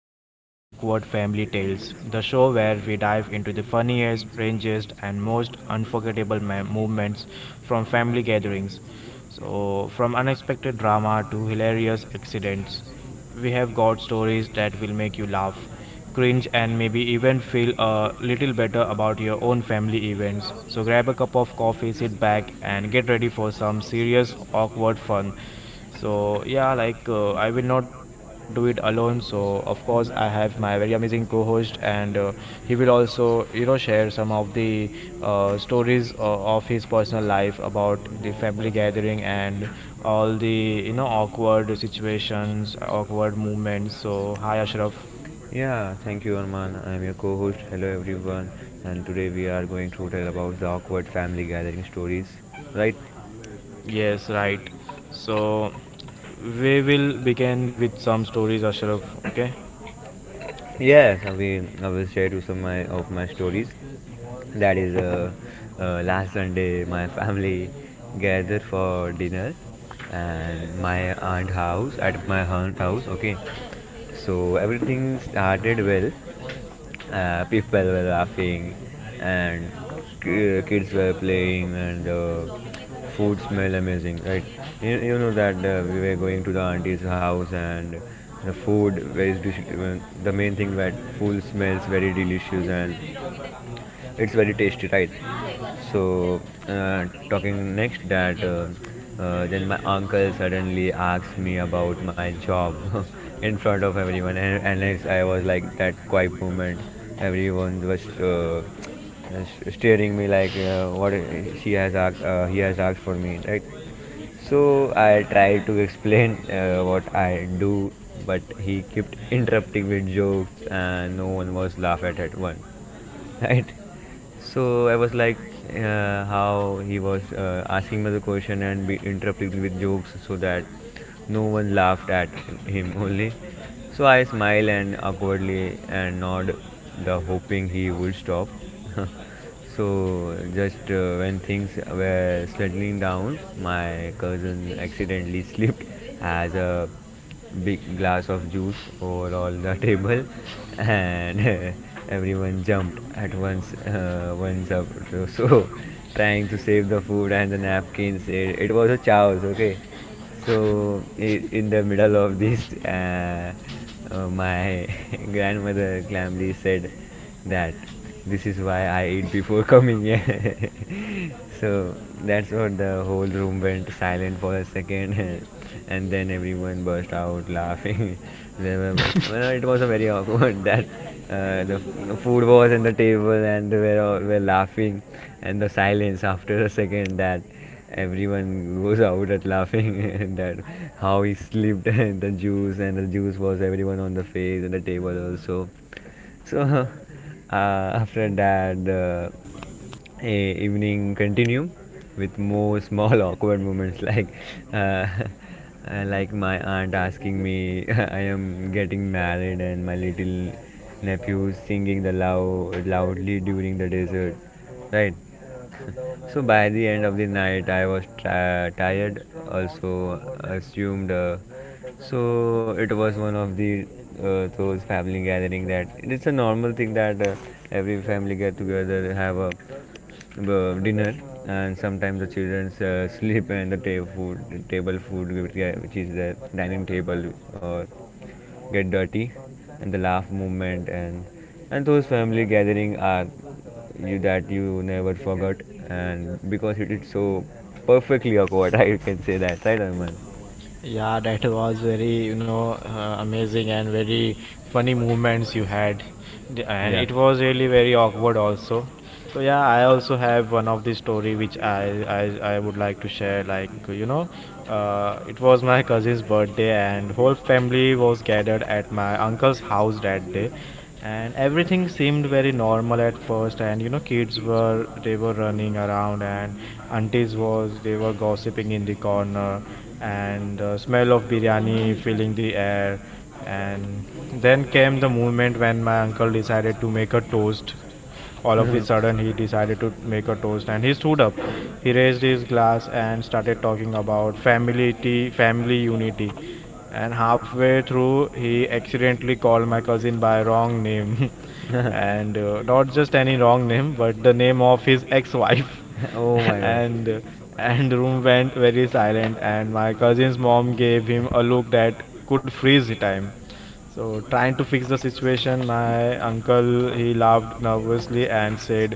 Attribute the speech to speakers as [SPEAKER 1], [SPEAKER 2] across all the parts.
[SPEAKER 1] Welcome to Awkward Family Tales, the show where we dive into the funniest, strangest, and most unforgettable moments from family gatherings. So, from unexpected drama to hilarious accidents, we have got stories that will make you laugh, cringe, and maybe even feel a little better about your own family events. So grab a cup of coffee, sit back, and get ready for some serious, awkward fun. So, yeah, like I will not do it alone, so a course, I have my very amazing co-host, and he will also, you know, share some of the stories of his personal life about the family gathering and all the, you know, awkward situations, awkward moments. So, hi, Ashraf.
[SPEAKER 2] Yeah, thank you, Arman. I am your co-host. Hello, everyone. And today we are going to tell about the awkward family gathering stories. Right?
[SPEAKER 1] Yes, right. So, we will begin with some stories, Ashraf. Okay.
[SPEAKER 2] Yes, I will. I will share you some of my stories. That is, last Sunday my family gathered for dinner, and my aunt house. Okay, so everything started well, people were laughing, and kids were playing, and the food smelled amazing, right? You know that we were going to the auntie's house, and the main thing, that food smells very delicious and it's very tasty, right? So, talking next that then my uncle suddenly asked me about my job in front of everyone, and it's, I was like that quiet moment. Everyone was uh, staring me like, what, she has asked he has asked for me, right? So I tried to explain what I do, but he kept interrupting with jokes, and no one was laughed at one, right? So I was like, how he was asking me the question and be interrupting with jokes so that no one laughed at him only. So I smile and awkwardly and nod, the hoping he would stop. So just when things were settling down, my cousin accidentally slipped as a big glass of juice over all the table, and everyone jumped at once. Once up, so trying to save the food and the napkins. It was a chaos. Okay, so, in the middle of this, my grandmother calmly said that this is why I eat before coming here. So, that's what the whole room went silent for a second, and then everyone burst out laughing. There were, well, it was a very awkward that the the food was on the table and they were all were laughing, and the silence after a second that everyone goes out at laughing and that how he slipped and the juice, and the juice was everyone on the face and the table also. So after that, a evening continue with more small awkward moments like uh, uh, like my aunt asking me I am getting married, and my little nephew singing the loudly during the dessert, right? So by the end of the night, I was tired, also assumed. So it was one of the those family gathering, that it's a normal thing that every family get together have a dinner, and sometimes the children sleep, and the table food which is the dining table or get dirty, and the laugh movement, and those family gathering are you that you never forgot, and because it is so perfectly awkward I can say that, right Arman?
[SPEAKER 1] Yeah, that was very, you know, amazing and very funny movements you had. D- And it was really very awkward also. So yeah, I also have one of the story which I would like to share. Like, you know, it was my cousin's birthday and whole family was gathered at my uncle's house that day, and everything seemed very normal at first, and you know, kids were running around, and aunties was they were gossiping in the corner, and smell of biryani filling the air. And then came the moment when my uncle decided to make a toast. All of a sudden, he decided to make a toast and he stood up. He raised his glass and started talking about family, family unity. And halfway through, he accidentally called my cousin by wrong name. And not just any wrong name, but the name of his ex wife.
[SPEAKER 2] Oh.
[SPEAKER 1] and and room went very silent, and my cousin's mom gave him a look that could freeze the time. So trying to fix the situation, my uncle, he laughed nervously and said,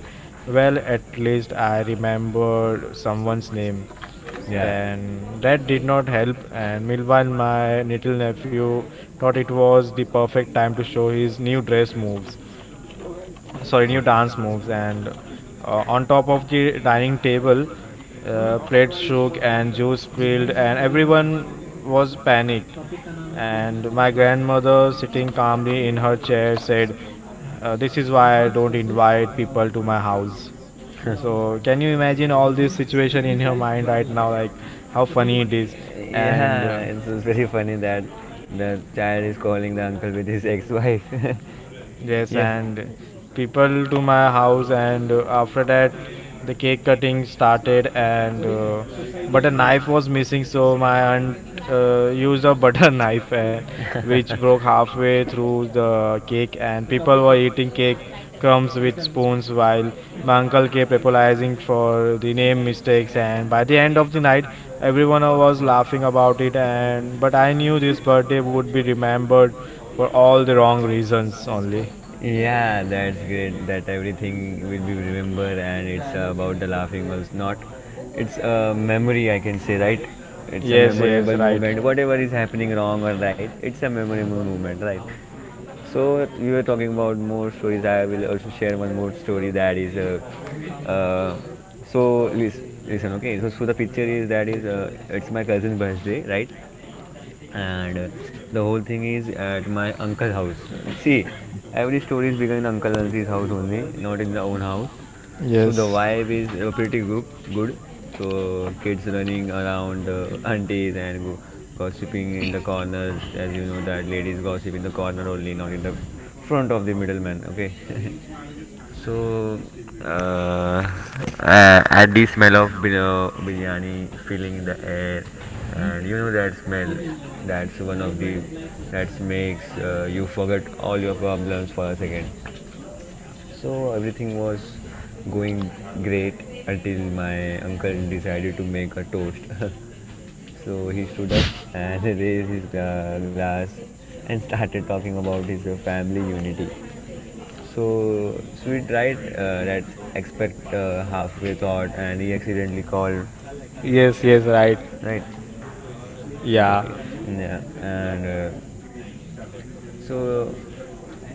[SPEAKER 1] well, at least I remembered someone's name.
[SPEAKER 2] Yeah.
[SPEAKER 1] Then that did not help, and meanwhile my little nephew thought it was the perfect time to show his new dress moves, sorry, new dance moves, and on top of the dining table, plates shook and juice spilled and everyone was panicked. And my grandmother, sitting calmly in her chair, said, this is why I don't invite people to my house. So can you imagine all this situation in your mind right now, like how funny it is? And
[SPEAKER 2] Yeah, it's very funny that the child is calling the uncle with his ex-wife.
[SPEAKER 1] yes,
[SPEAKER 2] Yeah.
[SPEAKER 1] and people to my house. And after that, the cake cutting started, and but a knife was missing, so my aunt used a butter knife, which broke halfway through the cake, and people were eating cake crumbs with spoons while my uncle kept apologizing for the name mistakes. And by the end of the night, everyone was laughing about it, and but I knew this birthday would be remembered for all the wrong reasons only.
[SPEAKER 2] Yeah, that's great. That everything will be remembered, and it's about the laughing was not. It's a memory, I can say, right? It's a
[SPEAKER 1] Yes, yes,
[SPEAKER 2] memorable
[SPEAKER 1] right.
[SPEAKER 2] moment. Whatever is happening wrong or right, it's a memorable moment, right? So you were talking about more stories. I will also share one more story that is. So listen, okay. So the picture is that is it's my cousin's birthday, right? And the whole thing is at my uncle's house. See, every story is begun in uncle and auntie's house only, not in the own house. So the
[SPEAKER 1] Yes,
[SPEAKER 2] vibe is pretty good. So kids running around, aunties and gossiping in the corners, as you know that ladies gossip in the corner only, not in the front of the middleman, okay? So, uh, at the smell of biryani filling in the air, and you know that smell, that's one of the that makes you forget all your problems for a second. So everything was going great until my uncle decided to make a toast. So he stood up and raised his glass, and started talking about his family unity. So sweet, right? That expect halfway thought, and he accidentally called,
[SPEAKER 1] yes, right.
[SPEAKER 2] right?
[SPEAKER 1] Yeah.
[SPEAKER 2] Yeah, and so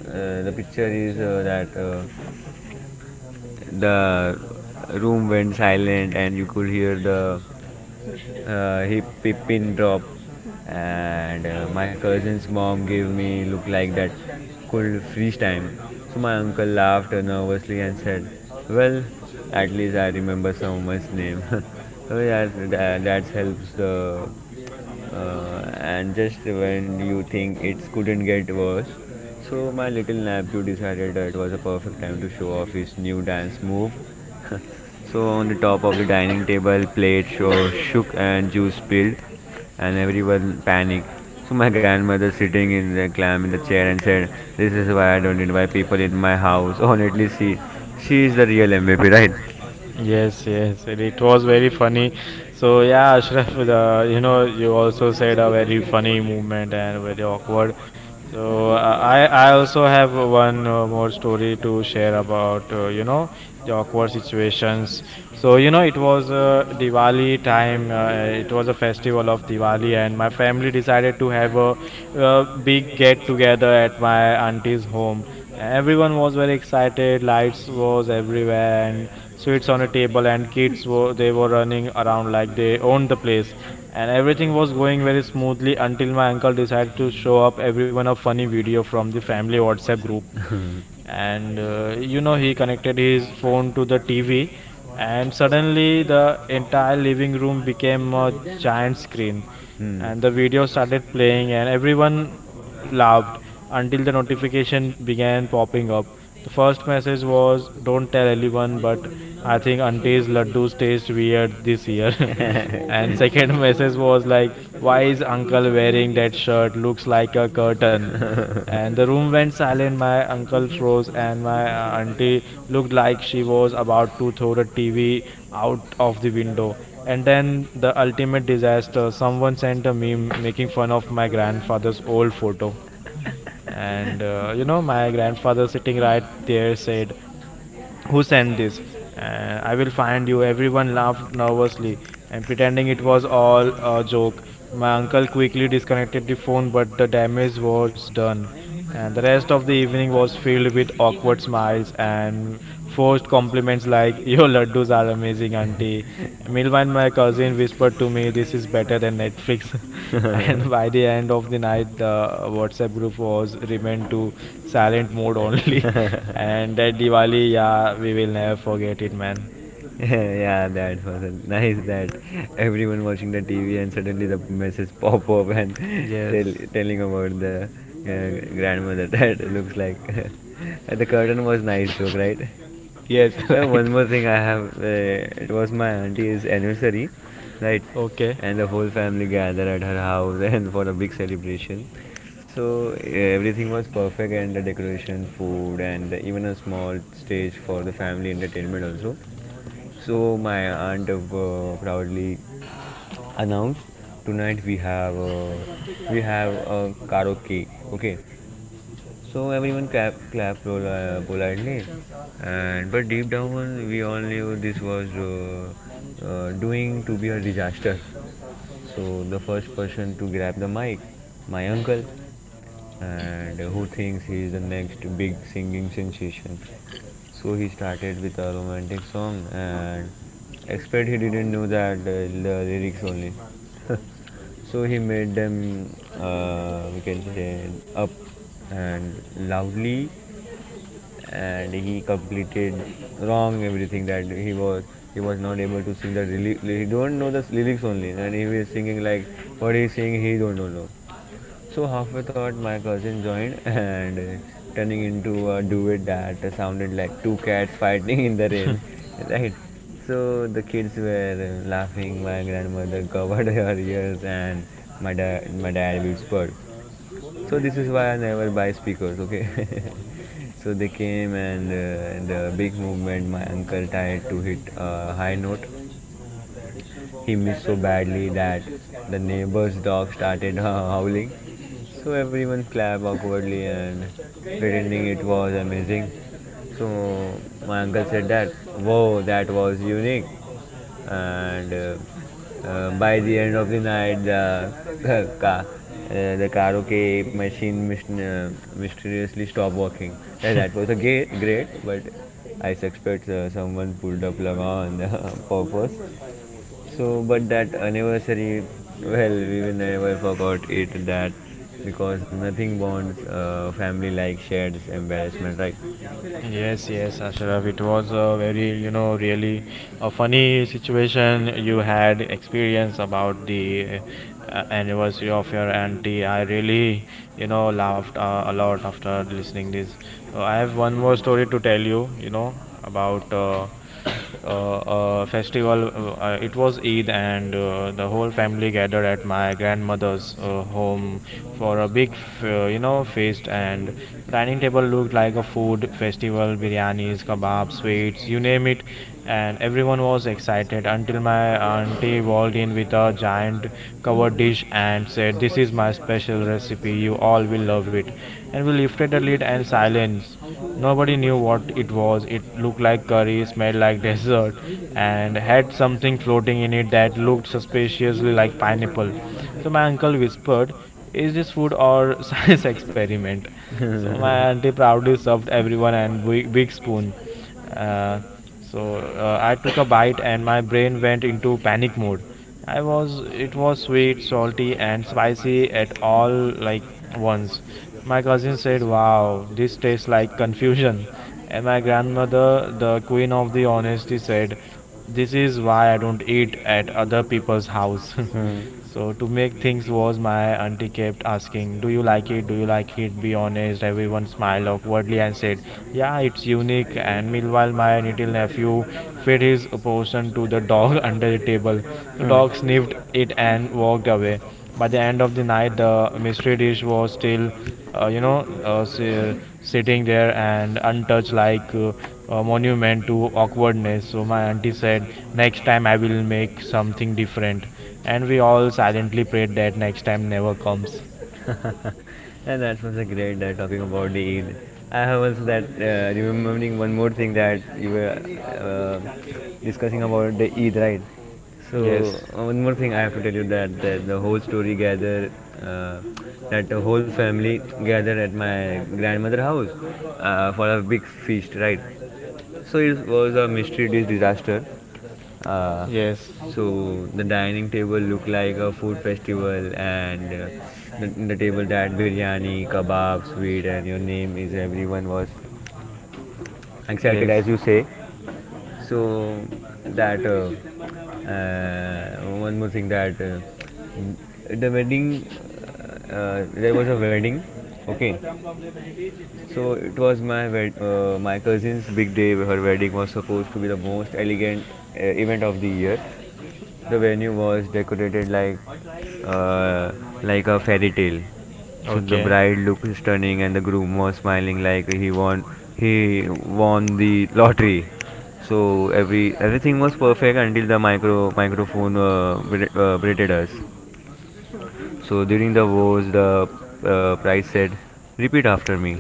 [SPEAKER 2] the picture is that the room went silent, and you could hear the hip hip pin drop, and my cousin's mom gave me look like that could freeze time. So my uncle laughed nervously and said, well, at least I remember someone's name. So yeah, that helps the and just when you think it couldn't get worse. So my little nephew decided that it was a perfect time to show off his new dance move. So on the top of the dining table, shook and juice spilled, and everyone panicked. So my grandmother sitting in the clam in the chair and said, "This is why I don't invite people in my house." Honestly, she is the real MVP, right?
[SPEAKER 1] Yes, yes, and it was very funny. So yeah, Ashraf, you know, you also said a very funny movement and very awkward. So I also have one more story to share about you know, the awkward situations. So you know, it was Diwali time. It was a festival of Diwali, and my family decided to have a, uh, big get together at my auntie's home. Everyone was very excited, lights was everywhere, and sweets on a table, and kids were running around like they owned the place. And everything was going very smoothly until my uncle decided to show up everyone a funny video from the family WhatsApp group.
[SPEAKER 2] group. And
[SPEAKER 1] And you know, he connected his phone to the TV, and suddenly the entire living room became a giant screen.
[SPEAKER 2] Hmm.
[SPEAKER 1] And the video started playing and everyone laughed until the notification began popping up. The first message was, don't tell anyone, but I think auntie's laddus taste weird this year. And second message was like, why is uncle wearing that shirt, looks like a curtain? And the room went silent. My uncle froze, and my auntie looked like she was about to throw the TV out of the window. And then the ultimate disaster, someone sent a meme making fun of my grandfather's old photo. And you know, my grandfather, sitting right there, said, who sent this? I will find you. Everyone laughed nervously and pretending it was all a joke. My uncle quickly disconnected the phone, but the damage was done. And the rest of the evening was filled with awkward smiles and forced compliments like, your laddus are amazing, auntie. Meanwhile, my cousin whispered to me, this is better than Netflix. And by the end of the night, the WhatsApp group was remained to silent mode only. And that Diwali, yeah, we will never forget it, man.
[SPEAKER 2] Yeah, that was a nice that everyone watching the TV, and suddenly the message pop up, and
[SPEAKER 1] Yes,
[SPEAKER 2] telling about the grandmother that looks like the curtain was nice joke, right?
[SPEAKER 1] yes, right.
[SPEAKER 2] One more thing I have, it was my auntie's anniversary, right?
[SPEAKER 1] Okay.
[SPEAKER 2] And the whole family gathered at her house and for a big celebration. So everything was perfect, and the decoration, food, and even a small stage for the family entertainment also. So my aunt proudly announced, tonight we have we have a karaoke. Okay, so everyone clapped politely, and but deep down we all knew this was doing to be a disaster. So the first person to grab the mic, my uncle, and who thinks he is the next big singing sensation. So he started with a romantic song, and expect he didn't know that the lyrics only. So he made them, we can say, up and loudly, and he completed wrong everything that he was. He was not able to sing the lyrics. He don't know the lyrics only, and he was singing like what he's singing. He don't know. So halfway thought my cousin joined and turning into a duet that sounded like two cats fighting in the rain, right? So the kids were laughing. My grandmother covered her ears, and my dad whispered. So this is why I never buy speakers, okay? So they came, and the big movement my uncle tried to hit a high note, he missed so badly that the neighbor's dog started howling. So everyone clapped awkwardly and pretending it was amazing. So my uncle said that, "Whoa, that was unique." And By the end of the night, the the karaoke machine mysteriously stopped working. Yeah, that was a great, but I suspect someone pulled a plug on purpose. So, but that anniversary, well, we will never forgot it, that because nothing bonds family like shared embarrassment, right?
[SPEAKER 1] Yes, yes, Ashraf. It was a very, you know, really a funny situation you had experience about the anniversary of your auntie. I really, you know, laughed a lot after listening this. I have one more story to tell you, you know, about festival. It was Eid, and the whole family gathered at my grandmother's home for a big, you know, feast. And the dining table looked like a food festival: biryanis, kebabs, sweets, you name it. And everyone was excited until my auntie walked in with a giant covered dish and said, "This is my special recipe. You all will love it." And we lifted the lid and silence. Nobody knew what it was. It looked like curry, smelled like dessert, and had something floating in it that looked suspiciously like pineapple. So my uncle whispered, is this food or science experiment? So my
[SPEAKER 2] And
[SPEAKER 1] auntie proudly served everyone and big, big spoon. So I took a bite and my brain went into panic mode. I was It was sweet, salty and spicy at all like once. My cousin said, "Wow, this tastes like confusion." And my grandmother, the queen of the honesty, said, "This is why I don't eat at other people's house." So to make things worse, my auntie kept asking, "Do you like it? Do you like it? Be honest." Everyone smiled awkwardly and said, "Yeah, it's unique." And meanwhile, my little nephew fed his portion to the dog under the table. The dog sniffed it and walked away. By the end of the night, the mystery dish was still you know, sitting there and untouched like a monument to awkwardness. So my auntie said, next time I will make something different. And we all silently prayed that next time never comes.
[SPEAKER 2] And that was a great talking about the Eid. I have also that remembering one more thing that you were uh, discussing about the Eid, right? So
[SPEAKER 1] Yes.
[SPEAKER 2] one more thing I have to tell you that the whole story gather, uh, that the whole family gathered at my grandmother house for a big feast, right? So it was a mystery dish disaster. Uh,
[SPEAKER 1] Yes.
[SPEAKER 2] so the dining table looked like a food festival, and the table that biryani, kebab, sweet, and your name is, everyone was excited,
[SPEAKER 1] Yes.
[SPEAKER 2] as you say. So that one more thing that the wedding there was a wedding, okay, so it was my my cousin's big day. Her wedding was supposed to be the most elegant event of the year. The venue was decorated uh, like a fairy tale. So the
[SPEAKER 1] Okay.
[SPEAKER 2] bride looked stunning, and the groom was smiling like he won the lottery. So everything was perfect until the microphone berated us. So during the vows, the priest said, repeat after me.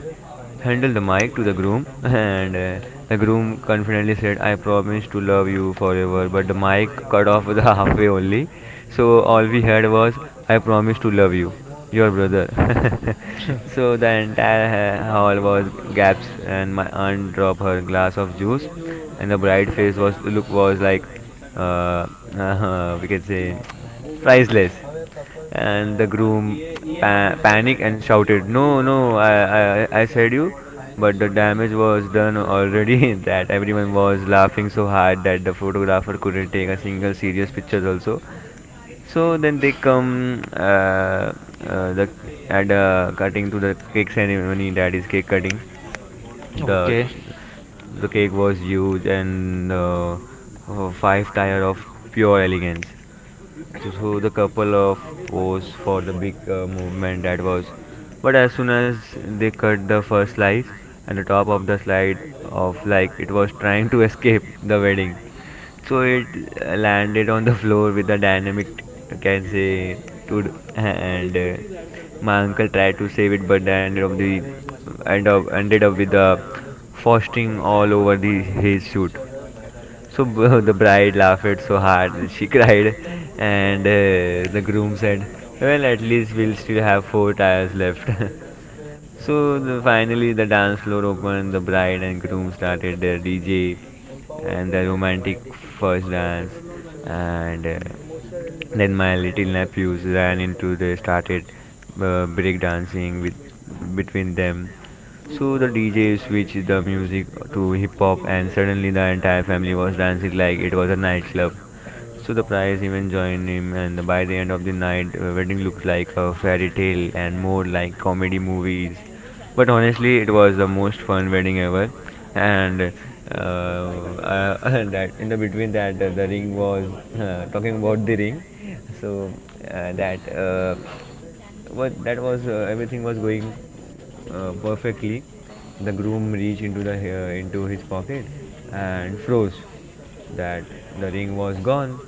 [SPEAKER 2] Handle the mic to the groom, and the groom confidently said, I promise to love you forever. But the mic cut off the halfway only, so all we heard was, I promise to love you, your brother. So the entire hall was gasped, and my aunt dropped her glass of juice, and the bride face was look was like, uh, we can say, priceless. And the groom panicked and shouted, "No, no, I, I said you." But the damage was done already that everyone was laughing so hard that the photographer couldn't take a single serious picture also. So then they come the and cutting to the cake ceremony, that is cake cutting. The
[SPEAKER 1] Okay.
[SPEAKER 2] the cake was huge and five tire of pure elegance. So the couple of pose for the big movement that was. But as soon as they cut the first slice and the top of the slide of like it was trying to escape the wedding, so it landed on the floor with a dynamic I can say to, and my uncle tried to save it but ended up the ended up with the frosting all over the his suit. So the bride laughed so hard she cried, and the groom said, "Well, at least we'll still have four tires left." So the, finally, the dance floor opened, the bride and groom started their DJ and the romantic first dance, and then my little nephews ran into the started break dancing with between them. So the DJ switched the music to hip hop, and suddenly the entire family was dancing like it was a nightclub. So the prize even join him, and by the end of the night, wedding looks like a fairy tale and more like comedy movies. But honestly, it was the most fun wedding ever, and that in the between that the ring was talking about the ring. So that what that was, everything was going perfectly. The groom reached into the into his pocket and froze. That the ring was gone,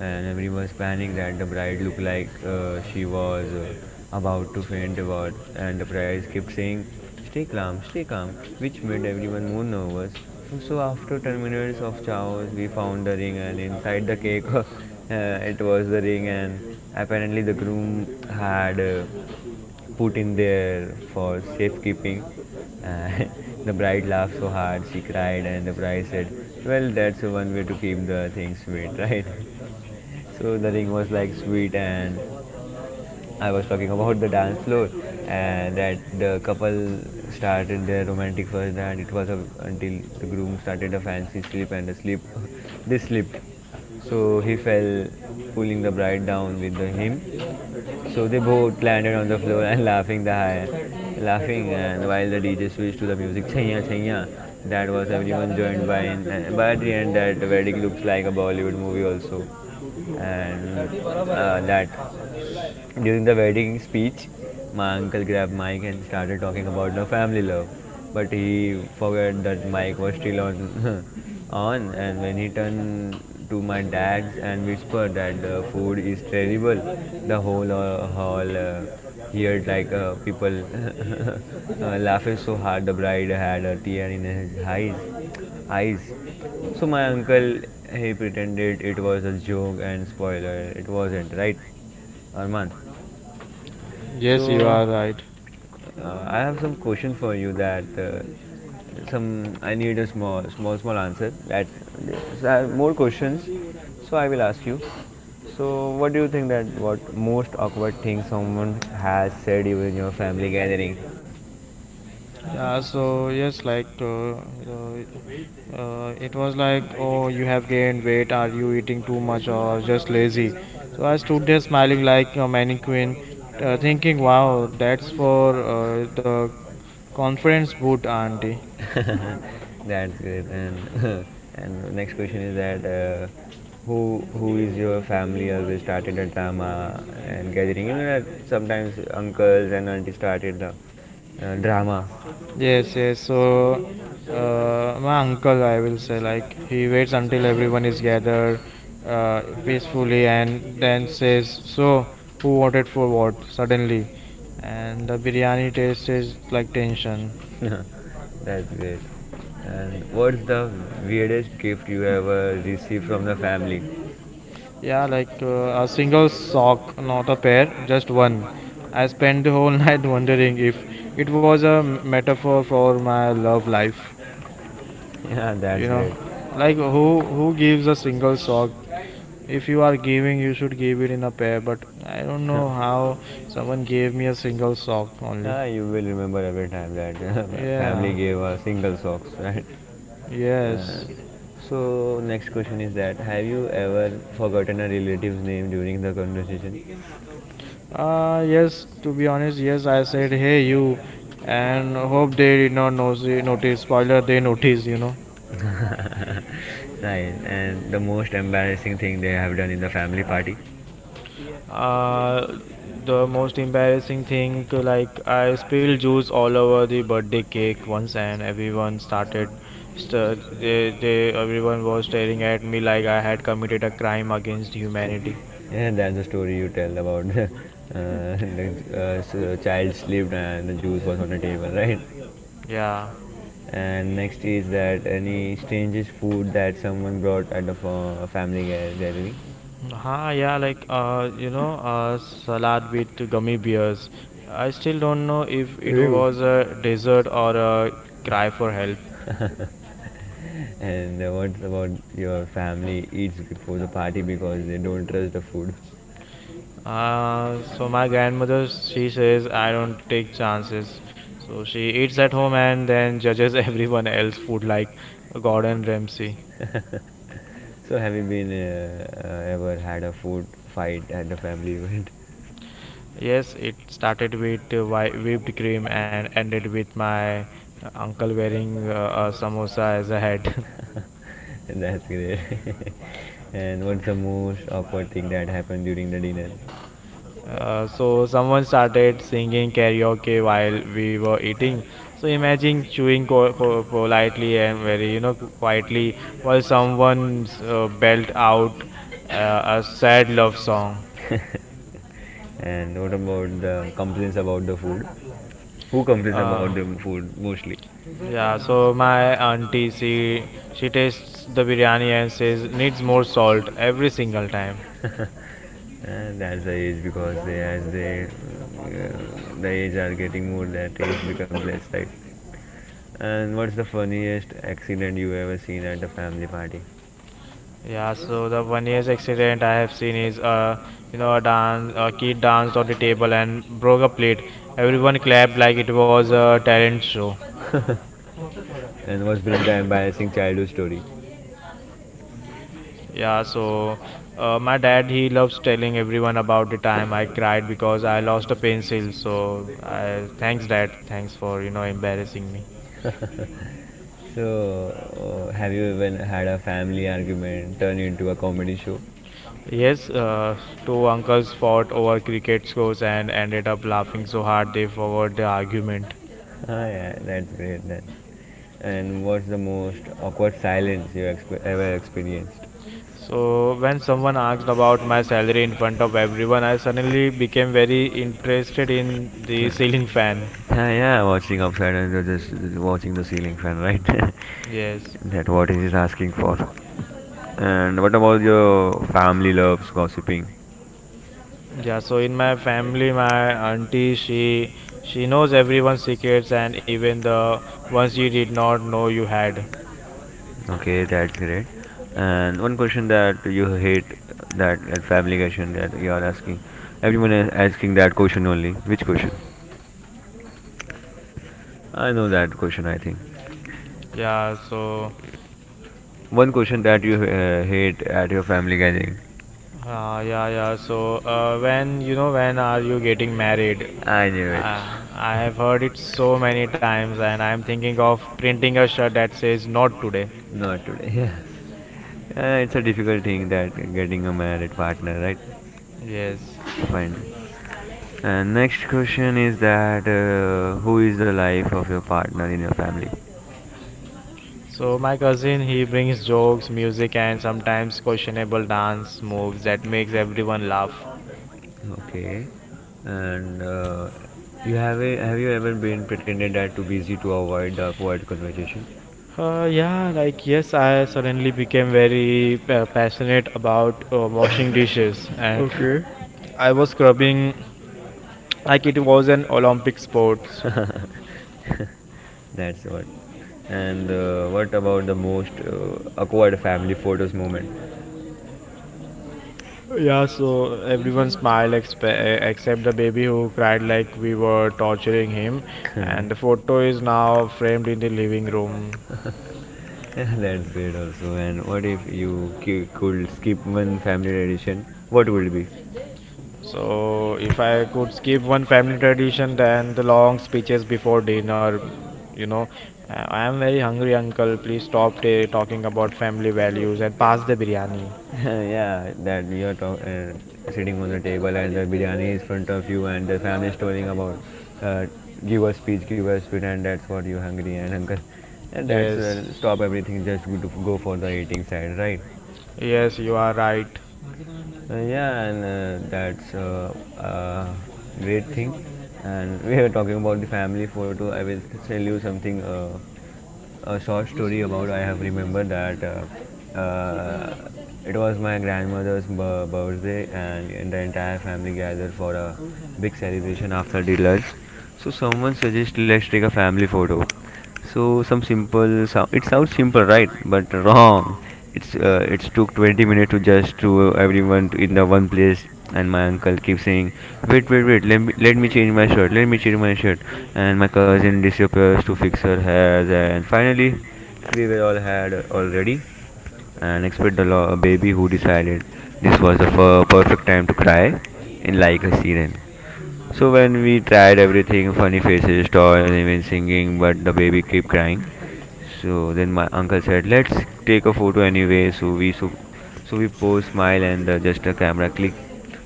[SPEAKER 2] and everyone was panicking that the bride looked like she was about to faint about, and the priest kept saying stay calm, stay calm, which made everyone more nervous. So after 10 minutes of chaos, we found the ring and inside the cake. It was the ring, and apparently the groom had put in there for safekeeping. And the bride laughed so hard she cried, and the bride said, "Well, that's one way to keep the thing sweet, right?" So the ring was like sweet. And I was talking about the dance floor, and that the couple started their romantic first night. It was a, until the groom started a fancy slip and the slip they slipped. So he fell, pulling the bride down with the, him. So they both landed on the floor and laughing the high, laughing, and while the DJ switched to the music chaya chaya, that was everyone joined by. In, and by the end, that wedding looks like a Bollywood movie also, and that during the wedding speech, my uncle grabbed Mike and started talking about the family love. But he forgot that Mike was still on, on. And when he turned to my dad's and whispered that the food is terrible, the whole hall heard like people laughing so hard. The bride had a tear in his eyes. Eyes. So my uncle he pretended it was a joke and spoiler. It wasn't right. Arman.
[SPEAKER 1] Yes, you
[SPEAKER 2] So
[SPEAKER 1] are right.
[SPEAKER 2] I have some question for you that some I need a small small answer that, so I have more questions, so I will ask you. So what do you think, that what most awkward thing someone has said you in your family gathering?
[SPEAKER 1] Yeah, so yes, like it was like, oh, you have gained weight. Are you eating too much or just lazy? So I stood there smiling
[SPEAKER 2] we
[SPEAKER 1] like a mannequin, thinking, wow, that's for the confidence boot, auntie.
[SPEAKER 2] are. That's great. And and next question is that who is your family always started a drama and gathering? You know that sometimes uncles and aunties started the drama.
[SPEAKER 1] Yes, yes. So, my uncle, I will say, like, he waits until everyone is gathered peacefully and then says, so, who voted for what? Suddenly. And the biryani taste is like tension.
[SPEAKER 2] That's great. And what's the weirdest gift you ever received from the family?
[SPEAKER 1] Yeah, like a single sock, not a pair, just one. I spent the whole night wondering if it was a metaphor for my love life.
[SPEAKER 2] Yeah, that's
[SPEAKER 1] You know,
[SPEAKER 2] great. No,
[SPEAKER 1] like who gives a single sock? If you are giving,
[SPEAKER 2] you.
[SPEAKER 1] you should give it in a pair, but I don't know how someone gave me a single sock only.
[SPEAKER 2] Ah, you will remember every time that
[SPEAKER 1] Yeah.
[SPEAKER 2] family gave a single socks, right? Uh,
[SPEAKER 1] Yes.
[SPEAKER 2] so next question is that have you ever forgotten a relative's name during the conversation?
[SPEAKER 1] Yes, to be honest, yes, I said, hey you, and hope they did not know, notice, spoiler, they noticed, you know.
[SPEAKER 2] Nice. And the most embarrassing thing they have done in the family party?
[SPEAKER 1] Uh, the most embarrassing thing, like I spilled juice all over the birthday cake once, and everyone started, everyone was staring at me like I had committed a crime against humanity.
[SPEAKER 2] Yeah, that's the story you tell about the uh, child slept and the juice was on the table, right?
[SPEAKER 1] Yeah.
[SPEAKER 2] And next is that any strangest food that someone brought at a family gathering?
[SPEAKER 1] Ha, yeah, like you know, salad with gummy bears. I still don't know if it
[SPEAKER 2] Ew.
[SPEAKER 1] was a dessert or a cry for help.
[SPEAKER 2] And what about your family eats before the party because they don't trust the food?
[SPEAKER 1] So my grandmother, she says, I don't take chances. So she eats at home and then judges everyone else's food like Gordon Ramsay.
[SPEAKER 2] So have you been ever had a food fight at a family event?
[SPEAKER 1] Yes, it started with whipped cream and ended with my uncle wearing a samosa as a hat.
[SPEAKER 2] A. That's great. And what's the most awkward thing that happened during the dinner?
[SPEAKER 1] So someone started singing karaoke while we were eating. So imagine chewing politely and very, you know, quietly while someone belt out a sad love song.
[SPEAKER 2] And what about the complaints about the food? Who complains
[SPEAKER 1] Uh,
[SPEAKER 2] about the food mostly?
[SPEAKER 1] yeah, so my auntie, she tastes the biryani and says, needs more salt every single time.
[SPEAKER 2] And that's the age because they as they the age are getting more, that age becomes less, right? And what's the funniest accident you ever seen at a family party?
[SPEAKER 1] Yeah,
[SPEAKER 2] Uh,
[SPEAKER 1] so the
[SPEAKER 2] so
[SPEAKER 1] funniest accident I have seen is you know a dance a kid danced on the table and broke a plate. Everyone clapped like it was a talent show.
[SPEAKER 2] show. And what's been the embarrassing childhood story?
[SPEAKER 1] Yeah, so my dad he loves telling everyone about the time I cried because I lost a pencil. So I thanks dad, thanks for embarrassing me.
[SPEAKER 2] Embarrassing me. So, have you even had a family argument turn into a comedy show?
[SPEAKER 1] Yes, two uncles fought over cricket scores and ended up laughing so hard they forgot the argument.
[SPEAKER 2] Ah, yeah, that's great then. And what's the most awkward silence you ever experienced?
[SPEAKER 1] So when someone asked about my salary in front of everyone, I suddenly became very interested in the
[SPEAKER 2] Ah,
[SPEAKER 1] ceiling fan.
[SPEAKER 2] yeah, yeah, watching upside and you're just watching the ceiling fan, right?
[SPEAKER 1] Yes.
[SPEAKER 2] That what he is asking for. And what about your family loves gossiping?
[SPEAKER 1] Yeah, so in my family my auntie she knows everyone's secrets and even the ones you did not know you had.
[SPEAKER 2] Okay, that's great. And one question that you hate, that that family question that you are asking. Everyone is asking that question only. Which question? I know that question, I think.
[SPEAKER 1] Yeah, so
[SPEAKER 2] One question that you hate at your family gathering. Yeah,
[SPEAKER 1] yeah. So when when are you getting married?
[SPEAKER 2] I knew it.
[SPEAKER 1] I have heard it so many times and I am thinking of printing a shirt that says not today.
[SPEAKER 2] Not today. Yeah. It's a difficult thing that getting a married partner, right?
[SPEAKER 1] Yes.
[SPEAKER 2] Fine. And next question is that who is the life of your partner in your family?
[SPEAKER 1] So my cousin he brings jokes, music and sometimes questionable dance moves that makes everyone laugh.
[SPEAKER 2] Okay. And you have a, have you ever been pretended that too busy to avoid the quiet conversation? Yeah,
[SPEAKER 1] Yeah, like yes, I suddenly became very passionate about washing dishes, and
[SPEAKER 2] okay.
[SPEAKER 1] I was scrubbing like it was an Olympic sports.
[SPEAKER 2] Sport. That's what. And what about the most awkward family photos moment?
[SPEAKER 1] Yeah, so everyone smiled except the baby who cried like we were torturing him, and the photo is now framed in the living room.
[SPEAKER 2] Room. Yeah, that's great also. And what if you could skip one family tradition? What would it be?
[SPEAKER 1] So if I could skip one family tradition, then the long speeches before dinner, you know, I am very hungry, uncle. Please stop talking about family values and pass the biryani.
[SPEAKER 2] Yeah, that sitting on the table and the biryani is front of you and the family is telling about uh, give us speech, give us food, and that's what you're hungry and uncle. And that's
[SPEAKER 1] Yes,
[SPEAKER 2] stop everything, just go, to, go for the eating side, right?
[SPEAKER 1] yes, you are right.
[SPEAKER 2] Yeah, and that's a great thing. And we were talking about the family photo. I will tell you something, a short story about I have remembered that it was my grandmother's birthday, and the entire family gathered for a big celebration after the lunch. So someone suggested let's take a family photo. So some simple sound. It sounds simple, right? But wrong. It's took 20 minutes to just to everyone to in the one place, and my uncle keeps saying wait, wait, wait, let me change my shirt, let me change my shirt. And my cousin disappears to fix her hairs, and finally we were all had already, and expect the baby who decided this was the perfect time to cry in like a siren. So when we tried everything, funny faces, toys, even singing, but the baby kept crying. So then my uncle said, "Let's take a photo anyway." So we so, so we posed, smile, and just a camera click.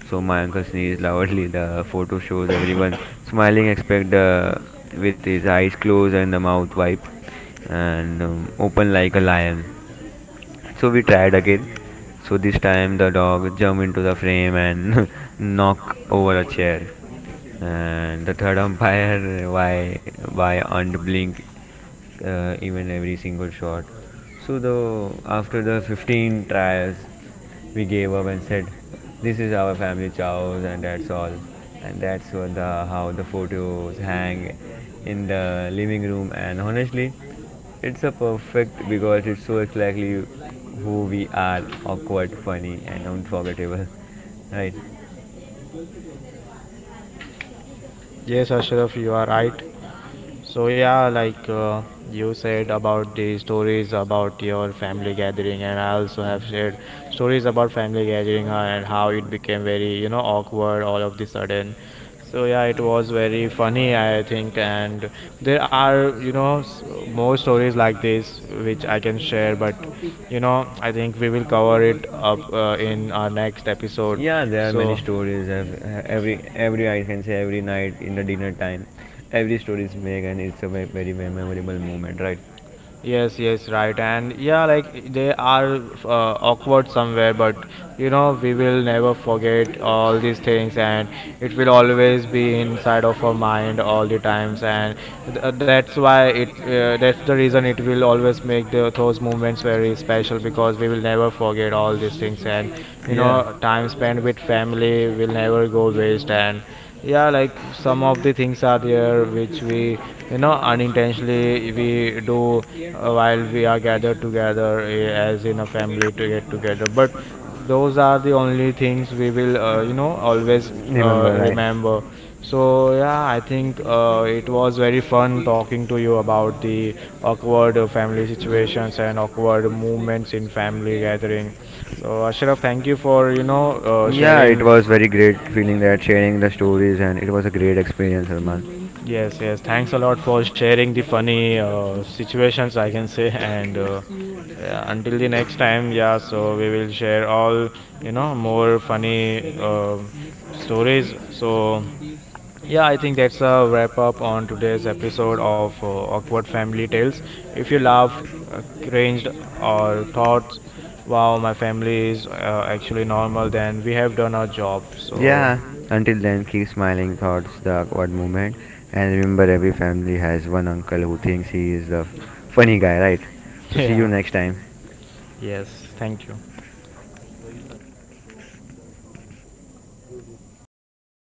[SPEAKER 2] So my uncle sneezed loudly. The photo shows everyone smiling, except with his eyes closed and the mouth wide and open like a lion. So we tried again. So this time the dog jumped into the frame and knocked over a chair. And the third umpire, why unblink even every single shot. So the after the 15 trials, we gave up and said, "This is our family chows, and that's all." And that's what the how the photos hang in the living room. And honestly, it's a perfect because it shows exactly who we are: awkward, funny, and unforgettable. Right?
[SPEAKER 1] Yes, Ashraf, you are right. So yeah, you said about the stories about your family gathering, and I also have shared stories about family gathering and how it became very awkward all of the sudden. So yeah, it was very funny, I think, and there are more stories like this which I can share, but I think we will cover it up in our next episode.
[SPEAKER 2] Yeah, there are
[SPEAKER 1] So
[SPEAKER 2] many stories. Every I can say every night in the dinner time, every story is vague and it's a very, very memorable moment, right?
[SPEAKER 1] Yes, yes, right. And yeah, like they are awkward somewhere, but you know, we will never forget all these things, and it will always be inside of our mind all the times. And that's why that's the reason it will always make those moments very special because we will never forget all these things. And you know, time spent with family will never go waste. And yeah, like some of the things are there which we unintentionally we do while we are gathered together as in a family to get together, but those are the only things we will you know always
[SPEAKER 2] Remember, right?
[SPEAKER 1] remember. So yeah, I think it was very fun talking to you about the awkward family situations and awkward moments in family gathering. So Ashraf, thank you for
[SPEAKER 2] Yeah, it
[SPEAKER 1] sharing.
[SPEAKER 2] was very great feeling that sharing the stories and it was a great experience, Arman.
[SPEAKER 1] Yes, yes. Thanks a lot for sharing the funny situations, I can say. And yeah, until the next time, yeah, so we will share all, you know, more funny stories. So, yeah, I think that's a wrap up on today's episode of Awkward Family Tales. If you laughed, cringed, or thought, wow, my family is actually normal, then we have done our job. So,
[SPEAKER 2] Yeah, until then keep smiling thoughts the awkward moment, and remember every family has one uncle who thinks he is the funny guy, right? So see you
[SPEAKER 1] yeah,
[SPEAKER 2] next time.
[SPEAKER 1] yes, thank you.